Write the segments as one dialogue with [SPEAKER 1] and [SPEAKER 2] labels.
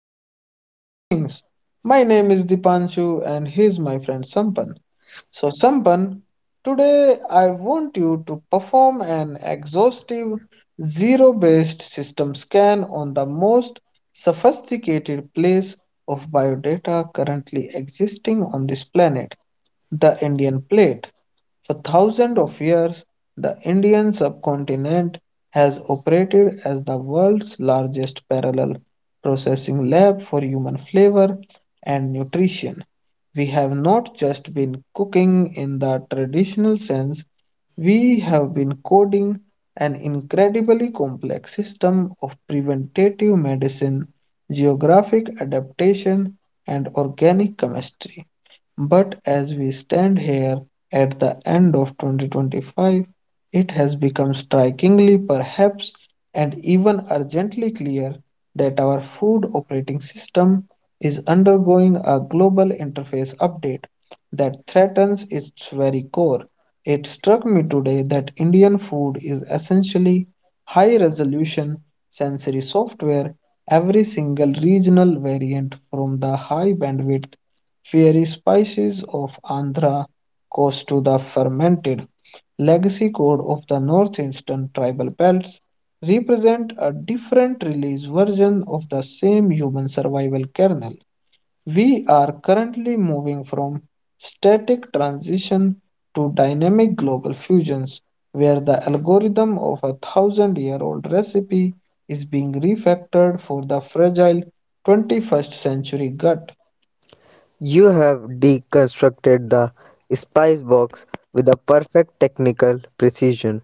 [SPEAKER 1] daily life things. My name is Dipanshu, and he's my friend Sampan. So, Sampan, today I want you to perform an exhaustive zero based system scan on the most sophisticated place of biodata currently existing on this planet, the Indian plate. For thousands of years, the Indian subcontinent has operated as the world's largest parallel processing lab for human flavor and nutrition. We have not just been cooking in the traditional sense, we have been coding an incredibly complex system of preventative medicine, geographic adaptation, and organic chemistry. But as we stand here at the end of 2025, it has become strikingly, perhaps, and even urgently clear that our food operating system is undergoing a global interface update that threatens its very core. It struck me today that Indian food is essentially high resolution sensory software. Every single regional variant from the high bandwidth fiery spices of Andhra coast to the fermented legacy code of the northeastern tribal belts represent a different release version of the same human survival kernel. We are currently moving from static transition to dynamic global fusions, where the algorithm of a thousand year old recipe is being refactored for the fragile 21st century gut.
[SPEAKER 2] You have deconstructed the spice box with a perfect technical precision.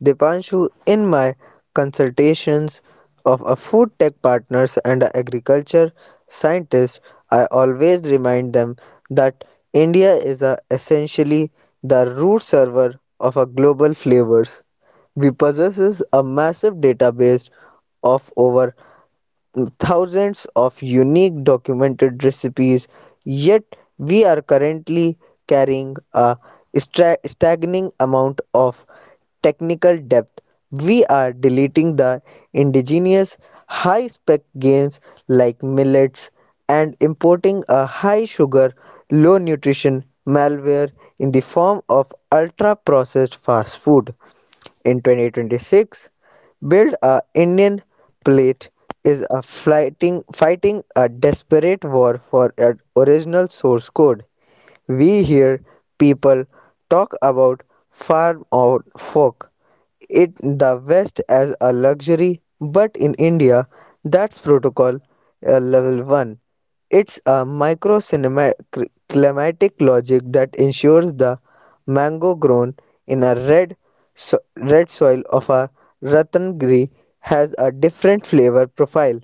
[SPEAKER 2] Dipanshu, in my consultations of a food tech partners and a agriculture scientist, I always remind them that India is essentially the root server of a global flavors. We possess a massive database of over thousands of unique documented recipes, yet we are currently carrying a staggering amount of technical depth. We are deleting the indigenous high spec grains like millets and importing a high sugar, low nutrition malware in the form of ultra processed fast food. In 2026, Build a Indian Plate is a fighting a desperate war for an original source code. We hear people talk about farm out folk in the West as a luxury, but in India, that's protocol level 1. It's a micro climatic logic that ensures the mango grown in a red soil of a Ratnagiri has a different flavor profile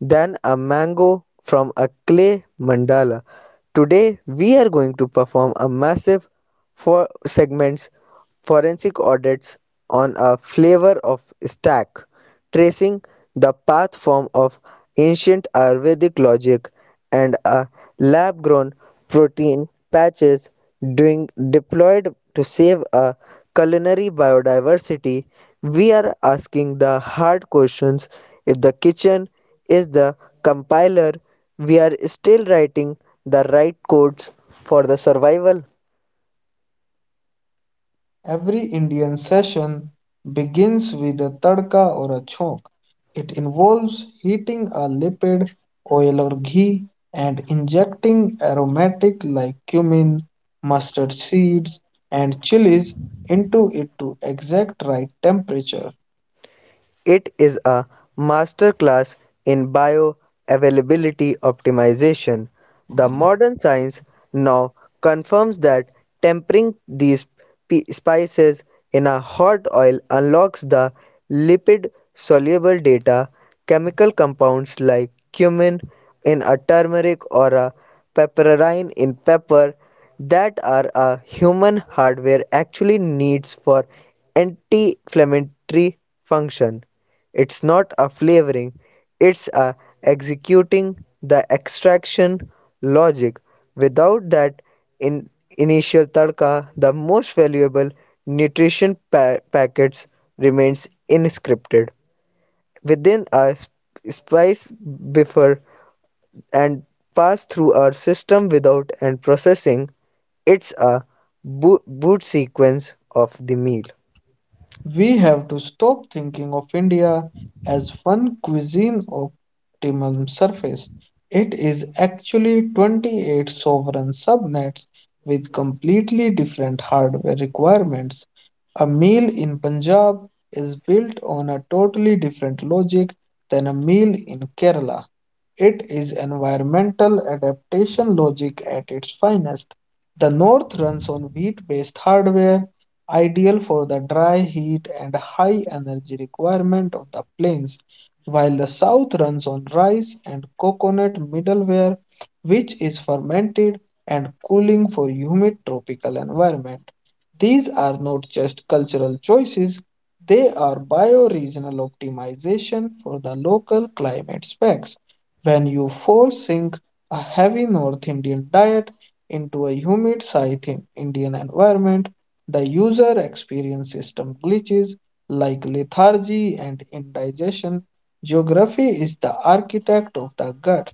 [SPEAKER 2] than a mango from a clay mandala. Today, we are going to perform a massive four segments forensic audits on a flavor of stack, tracing the path form of ancient Ayurvedic logic and a lab grown protein patches doing deployed to save a culinary biodiversity. We are asking the hard questions if the kitchen is the compiler we are still writing the right codes for the survival.
[SPEAKER 1] Every Indian session begins with a tadka or a chok. It involves heating a lipid, oil or ghee, and injecting aromatic like cumin, mustard seeds, and chilies into it to exact right temperature.
[SPEAKER 2] It is a masterclass in bioavailability optimization. The modern science now confirms that tempering these spices in a hot oil unlocks the lipid soluble data. Chemical compounds like cumin in a turmeric or a pepperine in pepper that are a human hardware actually needs for anti-inflammatory function. It's not a flavoring, it's a executing the extraction logic. Without that in initial tadka, the most valuable nutrition packets remains inscripted within a spice buffer and pass through our system without and processing. It's a boot sequence of the meal.
[SPEAKER 1] We have to stop thinking of India as one cuisine optimum surface. It is actually 28 sovereign subnets with completely different hardware requirements. A meal in Punjab is built on a totally different logic than a meal in Kerala. It is environmental adaptation logic at its finest. The north runs on wheat based hardware, ideal for the dry heat and high energy requirement of the plains, while the south runs on rice and coconut middleware, which is fermented and cooling for humid tropical environment. These are not just cultural choices, they are bioregional optimization for the local climate specs. When you force sink a heavy North Indian diet into a humid South Indian environment, the user experience system glitches like lethargy and indigestion. Geography is the architect of the gut.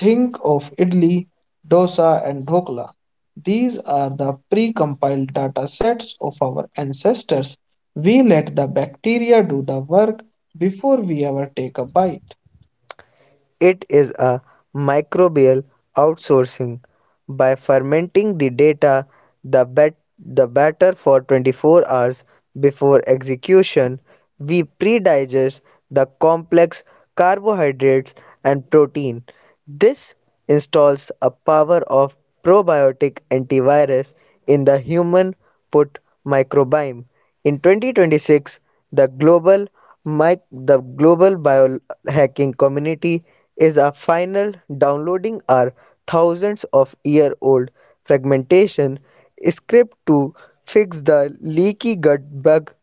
[SPEAKER 1] Think of idli, dosa, and dhokla. These are the pre-compiled data sets of our ancestors. We let the bacteria do the work before we ever take a bite.
[SPEAKER 2] It is a microbial outsourcing. By fermenting the data, the batter for 24 hours before execution, we pre-digest the complex carbohydrates and protein. This installs a power of probiotic antivirus in the human gut microbiome. In 2026, the global Mike, the global biohacking community is a final downloading our thousands of year old fragmentation script to fix the leaky gut bug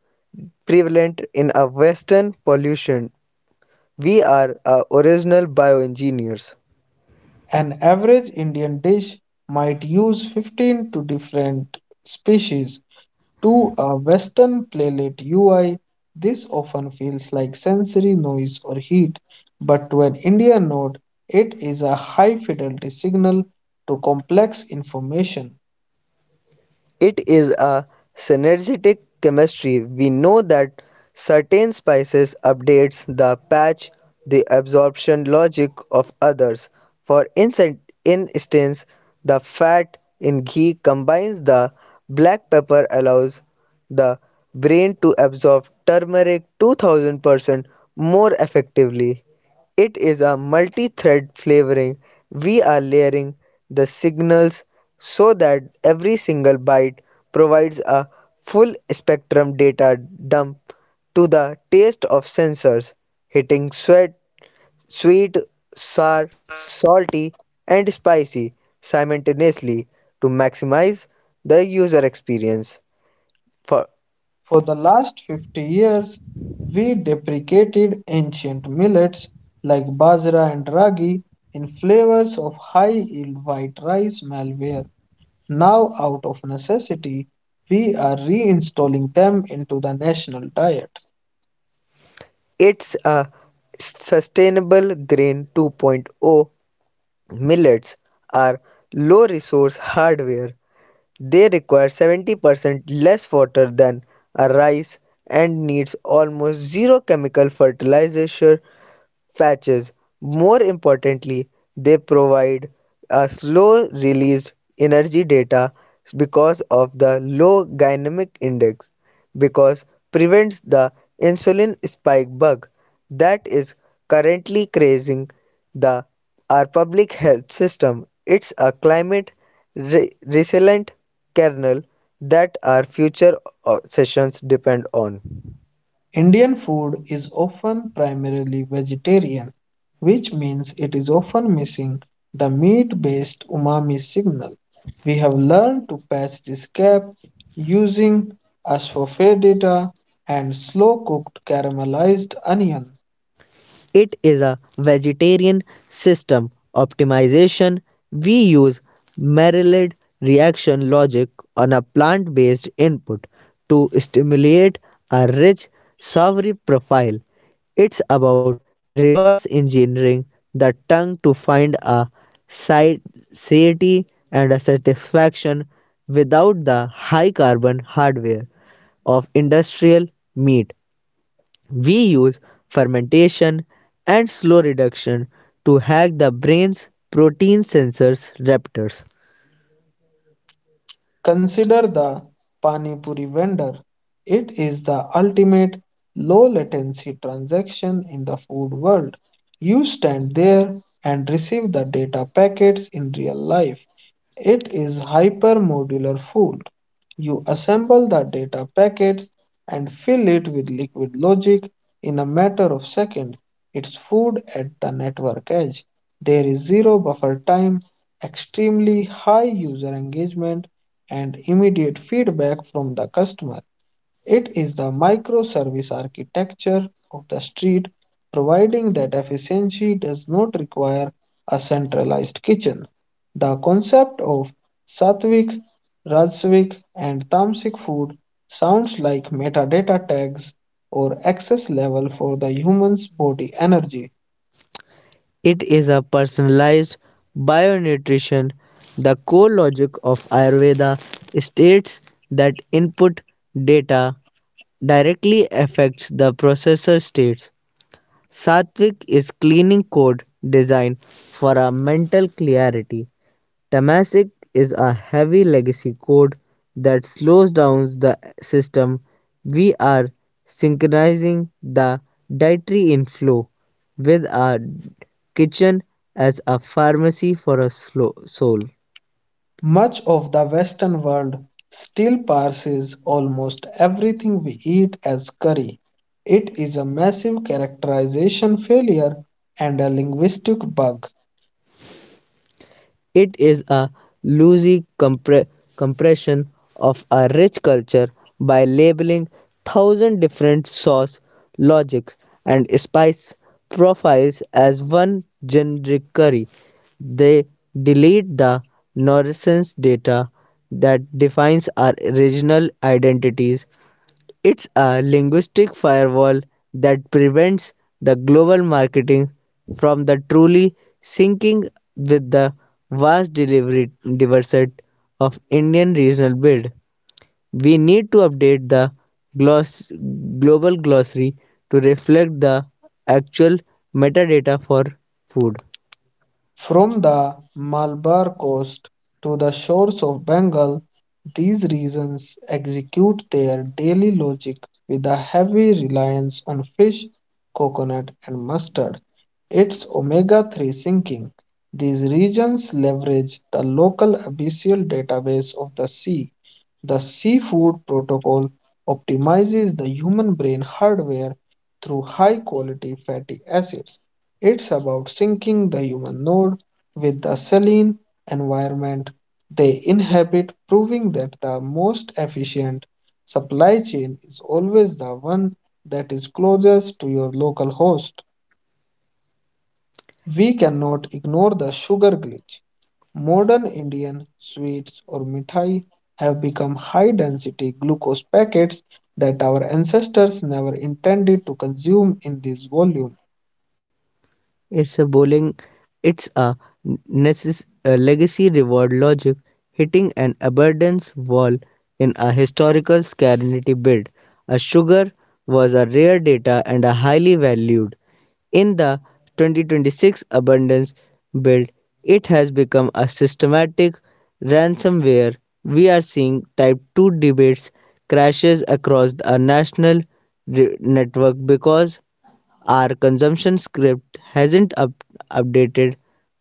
[SPEAKER 2] prevalent in a western pollution. We are original bioengineers.
[SPEAKER 1] An average Indian dish might use 15 to different species. To a Western playlet UI, this often feels like sensory noise or heat, but to an Indian node, it is a high fidelity signal to complex information.
[SPEAKER 2] It is a synergetic chemistry. We know that certain spices updates the patch the absorption logic of others. For instance, the fat in ghee combines the black pepper allows the brain to absorb turmeric 2000% more effectively. It is a multi-thread flavoring, we are layering the signals so that every single byte provides a full spectrum data dump to the taste of sensors, hitting sweet, sour, salty, and spicy simultaneously to maximize the user experience. For
[SPEAKER 1] For the last 50 years, we deprecated ancient millets like bajra and ragi in flavors of high yield white rice malware. Now, out of necessity, we are reinstalling them into the national diet.
[SPEAKER 2] it's a sustainable grain 2.0. Millets are low-resource hardware; they require 70% less water than a rice and needs almost zero chemical fertilizer. Patches. More importantly, they provide a slow released energy data because of the low glycemic index because prevents the insulin spike bug that is currently crazing the our public health system. It's a climate resilient kernel that our future sessions depend on.
[SPEAKER 1] Indian food is often primarily vegetarian, which means it is often missing the meat-based umami signal. We have learned to patch this gap using asafoetida and slow-cooked caramelized onion.
[SPEAKER 2] It is a vegetarian system optimization. We use Maillard reaction logic on a plant-based input to stimulate a rich savory profile. It's about reverse engineering the tongue to find a si- satiety and a satisfaction without the high carbon hardware of industrial meat. We use fermentation and slow reduction to hack the brain's protein sensors receptors.
[SPEAKER 1] Consider the pani puri vendor. It is the ultimate low-latency transaction in the food world. You stand there and receive the data packets in real life. It is hypermodular food. You assemble the data packets and fill it with liquid logic in a matter of seconds. It's food at the network edge. There is zero buffer time, extremely high user engagement, and immediate feedback from the customer. It is the microservice architecture of the street, providing that efficiency does not require a centralized kitchen. The concept of sattvic, rajasic, and tamasic food sounds like metadata tags or access level for the human's body energy.
[SPEAKER 2] It is a personalized bionutrition. The core logic of Ayurveda states that input data directly affects the processor states. Sattvic is cleaning code design for a mental clarity. Temasek is a heavy legacy code that slows down the system. We are synchronizing the dietary inflow with our kitchen as a pharmacy for a soul.
[SPEAKER 1] Much of the Western world still parses almost everything we eat as curry. It is a massive characterization failure and a linguistic bug.
[SPEAKER 2] It is a loosey compre- compression of a rich culture by labeling thousand different sauce logics and spice profiles as one generic curry. They delete the nonsense data that defines our regional identities. It's a linguistic firewall that prevents the global marketing from the truly syncing with the vast delivery diversity of Indian regional build. We need to update the gloss- global glossary to reflect the actual metadata for food.
[SPEAKER 1] From the Malabar coast to the shores of Bengal, these regions execute their daily logic with a heavy reliance on fish, coconut, and mustard. Its omega-3 sinking. These regions leverage the local abyssal database of the sea. The seafood protocol optimizes the human brain hardware through high-quality fatty acids. It's about syncing the human node with the saline environment they inhabit, proving that the most efficient supply chain is always the one that is closest to your local host. We cannot ignore the sugar glitch. Modern Indian sweets or mithai have become high density glucose packets that our ancestors never intended to consume in this volume.
[SPEAKER 2] It's a bowling. It's a a legacy reward logic hitting an abundance wall in a historical scarcity bid. A sugar was a rare data and a highly valued. In the 2026 abundance build, it has become a systematic ransomware. We are seeing type 2 debates crashes across a national network because our consumption script hasn't updated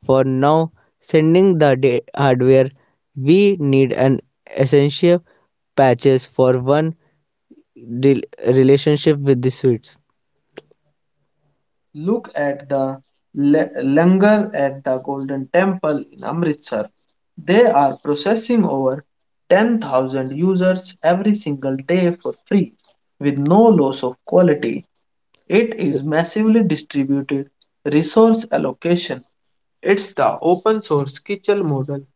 [SPEAKER 2] for now sending the hardware. We need an essential patches for one re- relationship with the switch.
[SPEAKER 1] Look at the langar at the Golden Temple in Amritsar. They are processing over 10,000 users every single day for free with no loss of quality. It is massively distributed resource allocation. It's the open source Kitchell model.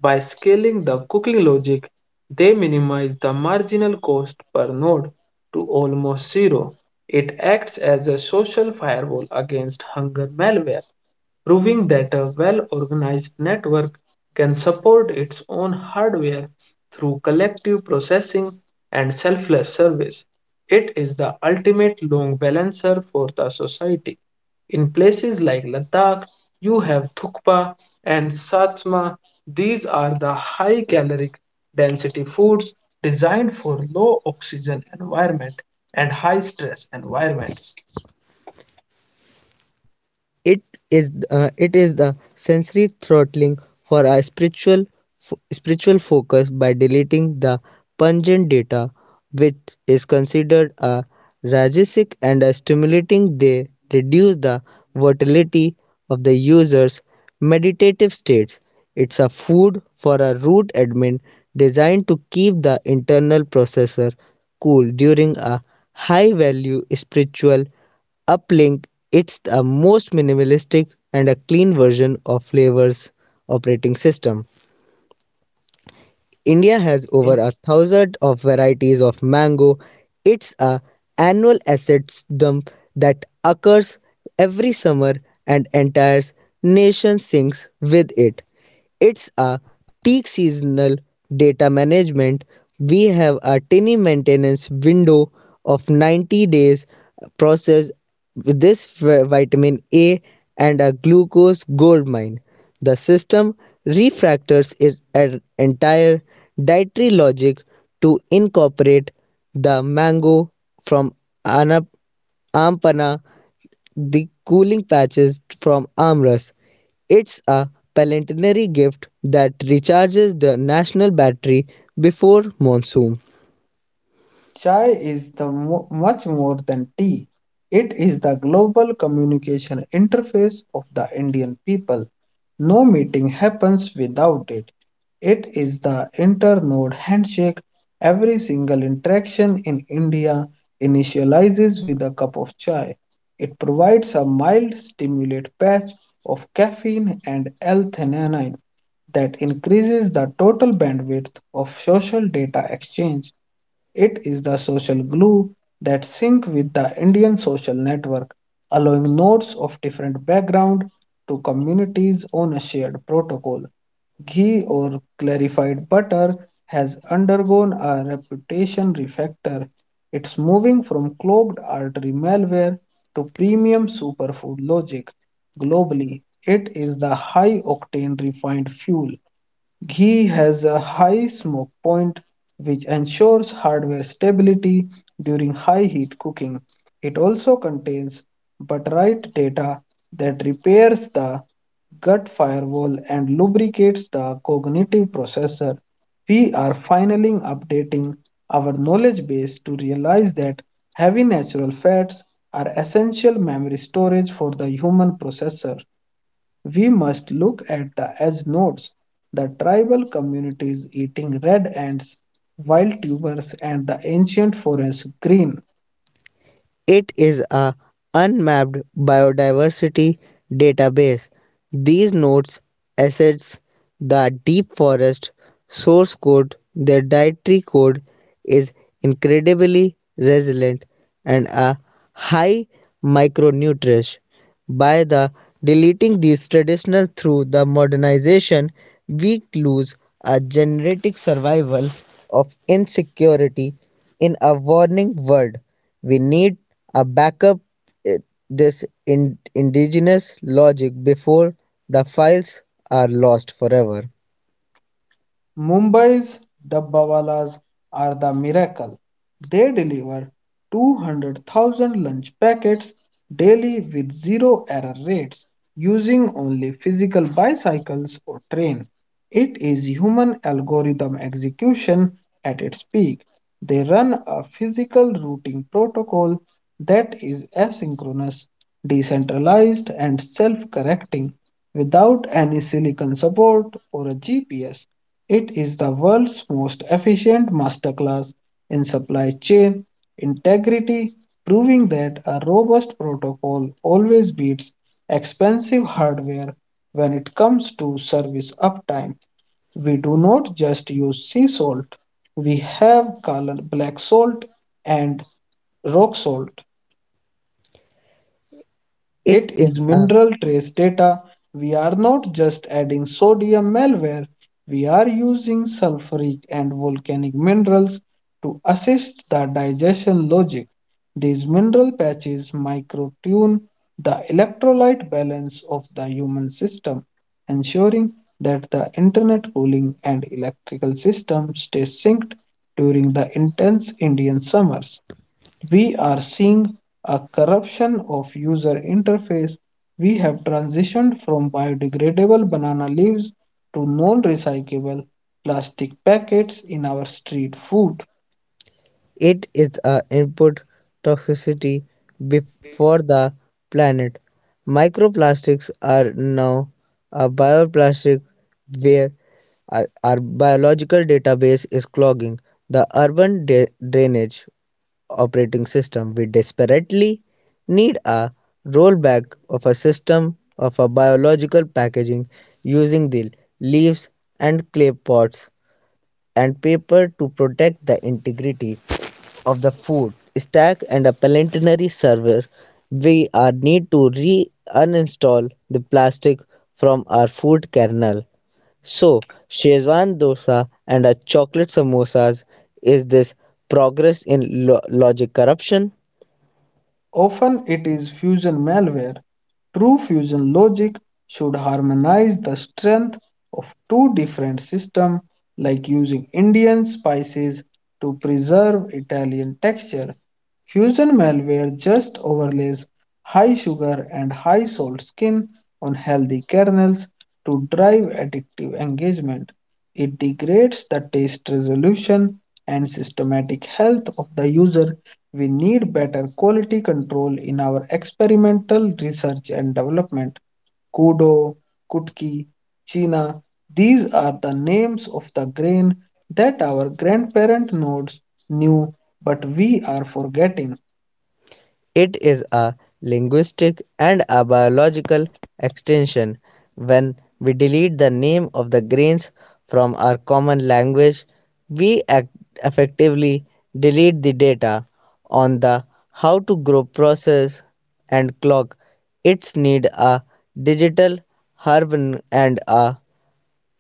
[SPEAKER 1] By scaling the cooking logic, they minimize the marginal cost per node to almost zero. It acts as a social firewall against hunger malware, proving that a well-organized network can support its own hardware through collective processing and selfless service. It is the ultimate long balancer for the society. In places like Ladakh, you have Thukpa and Satsma. These are the high caloric density foods designed for low oxygen environment and high stress environments.
[SPEAKER 2] It it is the sensory throttling for a spiritual focus by deleting the pungent data, which is considered a rajasic and a stimulating. They reduce the volatility of the user's meditative states. It's a food for a root admin designed to keep the internal processor cool during a high value spiritual Uplink. It's the most minimalistic and a clean version of Flavor's operating system. India has
[SPEAKER 1] In
[SPEAKER 2] over a thousand of varieties of mango. It's a annual assets dump that occurs every summer and entire nation sinks with it. It's a peak seasonal data management. We have a tiny maintenance window of 90 days process with this vitamin A and a glucose gold mine. The system refactors its entire dietary logic to incorporate the mango from Anap- Ampana, the cooling patches from Amras. It's a planetary gift that recharges the national battery before monsoon.
[SPEAKER 1] Chai is the much more than tea. It is the global communication interface of the Indian people. No meeting happens without it. It is the internode handshake. Every single interaction in India initializes with a cup of chai. It provides a mild stimulate patch of caffeine and L-theanine that increases the total bandwidth of social data exchange. It is the social glue that syncs with the Indian social network, allowing nodes of different background to communities on a shared protocol. Ghee or clarified butter has undergone a reputation refactor. It's moving from clogged artery malware to premium superfood logic. Globally, it is the high octane refined fuel. Ghee has a high smoke point, which ensures hardware stability during high heat cooking. It also contains butyrate data that repairs the gut firewall and lubricates the cognitive processor. We are finally updating our knowledge base to realize that heavy natural fats are essential memory storage for the human processor. We must look at the edge nodes, the tribal communities eating red ants, wild tubers, and the ancient forest green.
[SPEAKER 2] It is a unmapped biodiversity database. These nodes assess the deep forest source code. Their dietary code is incredibly resilient and a high micronutrient by the deleting these traditional through the modernization, we lose a genetic survival of insecurity in a warning world. We need a backup eh, this indigenous logic before the files are lost forever.
[SPEAKER 1] Mumbai's Dabbawalas are the miracle. They deliver 200,000 lunch packets daily with zero error rates using only physical bicycles or train. It is human algorithm execution at its peak. They run a physical routing protocol that is asynchronous, decentralized, and self correcting without any silicon support or a GPS. It is the world's most efficient masterclass in supply chain integrity, proving that a robust protocol always beats expensive hardware when it comes to service uptime. We do not just use sea salt, we have black salt and rock salt.
[SPEAKER 2] It
[SPEAKER 1] It
[SPEAKER 2] is
[SPEAKER 1] is
[SPEAKER 2] a
[SPEAKER 1] mineral trace data. We are not just adding sodium malware, we are using sulfuric and volcanic minerals to assist the digestion logic. These mineral patches microtune the electrolyte balance of the human system, ensuring that the internet cooling and electrical system stay synced during the intense Indian summers. We are seeing a corruption of user interface. We have transitioned from biodegradable banana leaves to non recyclable plastic packets in our street food.
[SPEAKER 2] it is a input toxicity before the planet. Microplastics are now a bioplastic where our biological database is clogging the urban drainage operating system. We desperately need a rollback of a system of a biological packaging using the leaves and clay pots and paper to protect the integrity of the food stack and a planetary server. We are need to re uninstall the plastic from our food kernel. So shezwan dosa and a chocolate samosas is this progress in logic corruption.
[SPEAKER 1] Often it is fusion malware. True fusion logic should harmonize the strength of two different systems, like using Indian spices to preserve Italian texture. Fusion malware just overlays high sugar and high salt skin on healthy kernels to drive addictive engagement. It degrades the taste resolution and systematic health of the user. We need better quality control in our experimental research and development. Kudo, Kutki, China, these are the names of the grain that our grandparent nodes knew, but we are forgetting.
[SPEAKER 2] It is a linguistic and a biological extension. When we delete the name of the grains from our common language we act effectively delete the data on the how to grow process and clock its need a digital herb and a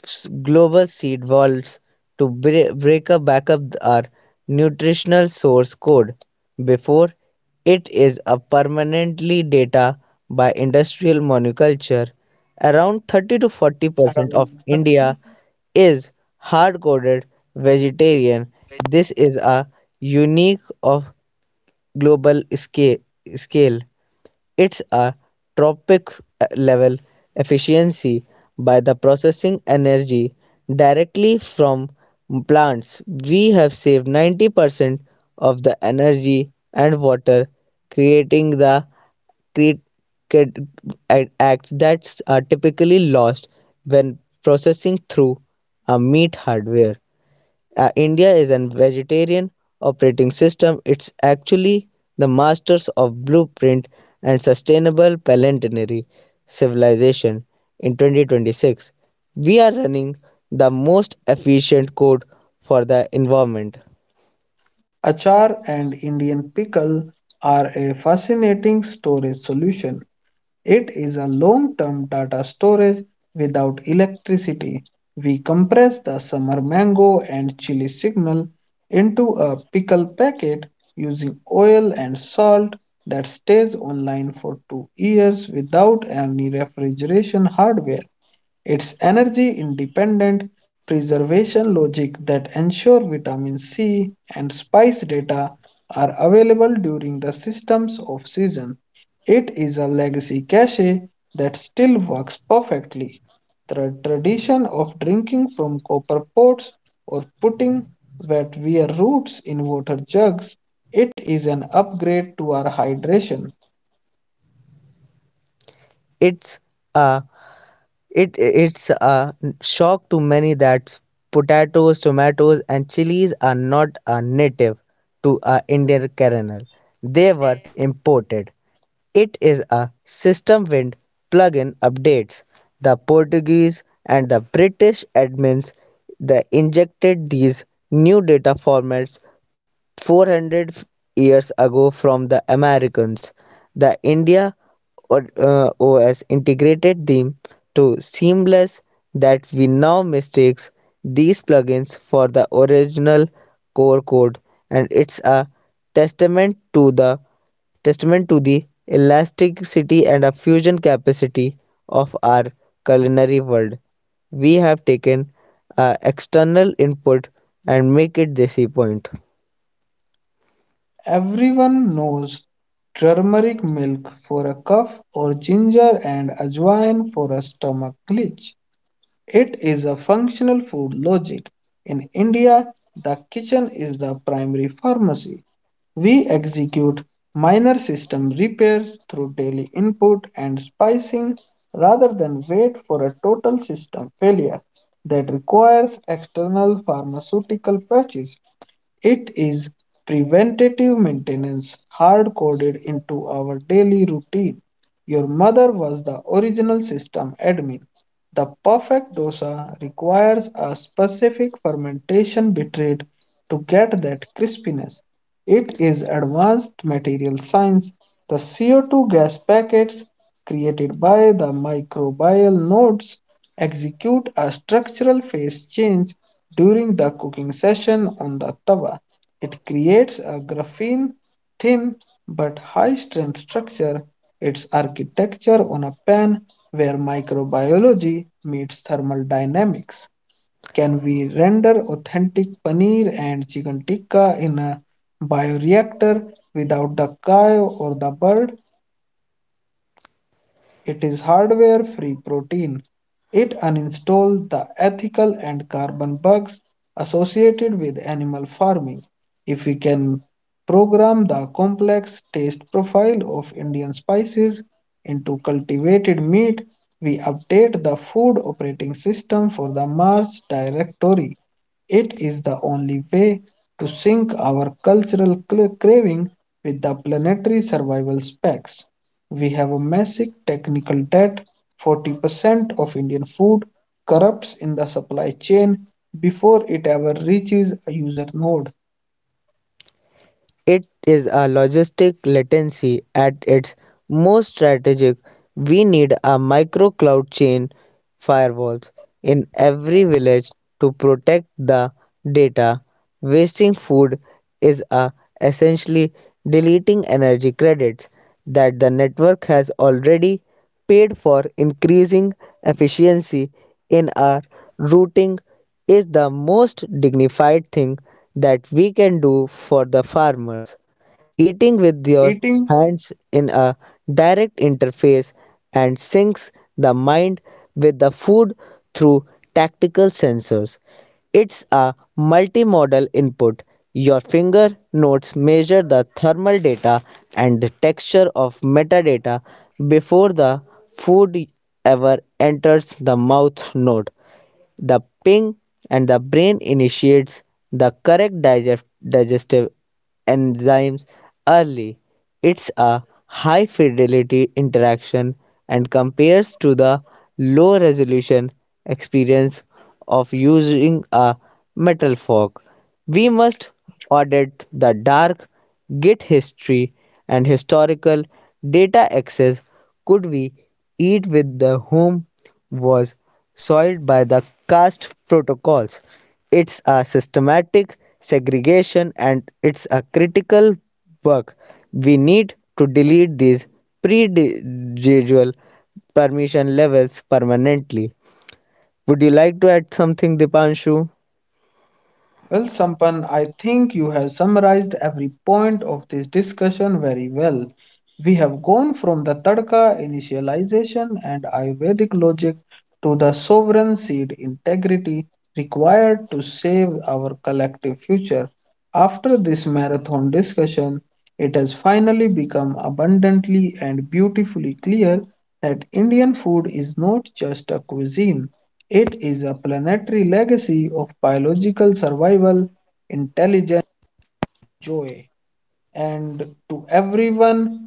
[SPEAKER 2] global seed vaults to bre- break up back up our nutritional source code before it is a permanently data by industrial monoculture. Around 30 to
[SPEAKER 1] Around
[SPEAKER 2] 40
[SPEAKER 1] 30
[SPEAKER 2] percent of india is hard coded vegetarian. This is a unique of global scale. It's a tropic level efficiency by the processing energy directly from plants. We have saved 90% of the energy and water creating the create acts that are typically lost when processing through a meat hardware. India is a vegetarian operating system. It's actually the masters of blueprint and sustainable planetary civilization in 2026. We are running the most efficient code for the environment.
[SPEAKER 1] achar and Indian pickle are a fascinating storage solution. It is a long-term data storage without electricity. We compress the summer mango and chili signal into a pickle packet using oil and salt that stays online for 2 years without any refrigeration hardware. It's energy independent preservation logic that ensure vitamin C and spice data are available during the systems of season. It is a legacy cache that still works perfectly. The tradition of drinking from copper pots or putting wet wear roots in water jugs, it is an upgrade to our hydration.
[SPEAKER 2] It's a it's a shock to many that potatoes, tomatoes, and chilies are not a native to a Indian kernel. They were imported. It is a system Wind plugin updates the Portuguese and the British admins that injected these new data formats 400 years ago from the Americans. The India OS integrated them to seamless that we now mistakes these plugins for the original core code. And it's a testament to the testament to the elasticity and a fusion capacity of our culinary world. We have taken a external input and make it desi point.
[SPEAKER 1] Everyone knows turmeric milk for a cough or ginger and ajwain for a stomach glitch. It is a functional food logic. In India, the kitchen is the primary pharmacy. We execute minor system repairs through daily input and spicing rather than wait for a total system failure that requires external pharmaceutical patches. It is preventative maintenance hard coded into our daily routine. Your mother was the original system admin. The perfect dosa requires a specific fermentation bitrate to get that crispiness. It is advanced material science. The CO2 gas packets created by the microbial nodes execute a structural phase change during the cooking session on the tawa. It creates a graphene thin but high strength structure. Its architecture on a pan where microbiology meets thermal dynamics. Can we render authentic paneer and chicken tikka in a bioreactor without the cow or the bird? It is hardware free protein. It uninstalls the ethical and carbon bugs associated with animal farming. If we can program the complex taste profile of Indian spices into cultivated meat, we update the food operating system for the Mars directory. It is the only way to sync our cultural craving with the planetary survival specs. We have a massive technical debt. 40% of Indian food corrupts in the supply chain before it ever reaches a user node.
[SPEAKER 2] It is a logistic latency at its most strategic. We need a micro cloud chain firewalls in every village to protect the data. Wasting food is a essentially deleting energy credits that the network has already paid for. Increasing efficiency in our routing is the most dignified thing that we can do for the farmers. Eating with your
[SPEAKER 1] Eating
[SPEAKER 2] hands in a direct interface and syncs the mind with the food through tactical sensors. It's a multimodal input. Your finger notes measure the thermal data and the texture of metadata before the food ever enters the mouth node the ping and the brain initiates the correct digestive enzymes early. It's a high fidelity interaction and compares to the low resolution experience of using a metal fork. We must audit the dark Git history and historical data access. Could we eat with the whom was soiled by the caste protocols. It's a systematic segregation and it's a critical work. We need to delete these pre-residual permission levels permanently. Would you like to add something, Dipanshu?
[SPEAKER 1] Well, Sampan, I think you have summarized every point of this discussion very well. We have gone from the tadka initialization and Ayurvedic logic to the sovereign seed integrity required to save our collective future. After this marathon discussion, it has finally become abundantly and beautifully clear that Indian food is not just a cuisine, it is a planetary legacy of biological survival, intelligent joy, and to everyone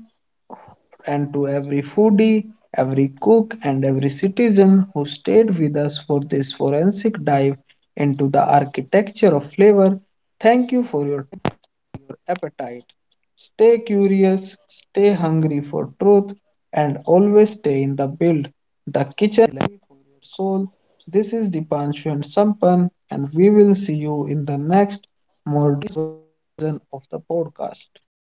[SPEAKER 1] and to every foodie, every cook, and every citizen who stayed with us for this forensic dive into the architecture of flavor. Thank you for your appetite. Stay curious, stay hungry for truth, and always stay in the build, the kitchen healthy for your soul. This is Dipanshu and Sampan, and we will see you in the next modern version of the podcast.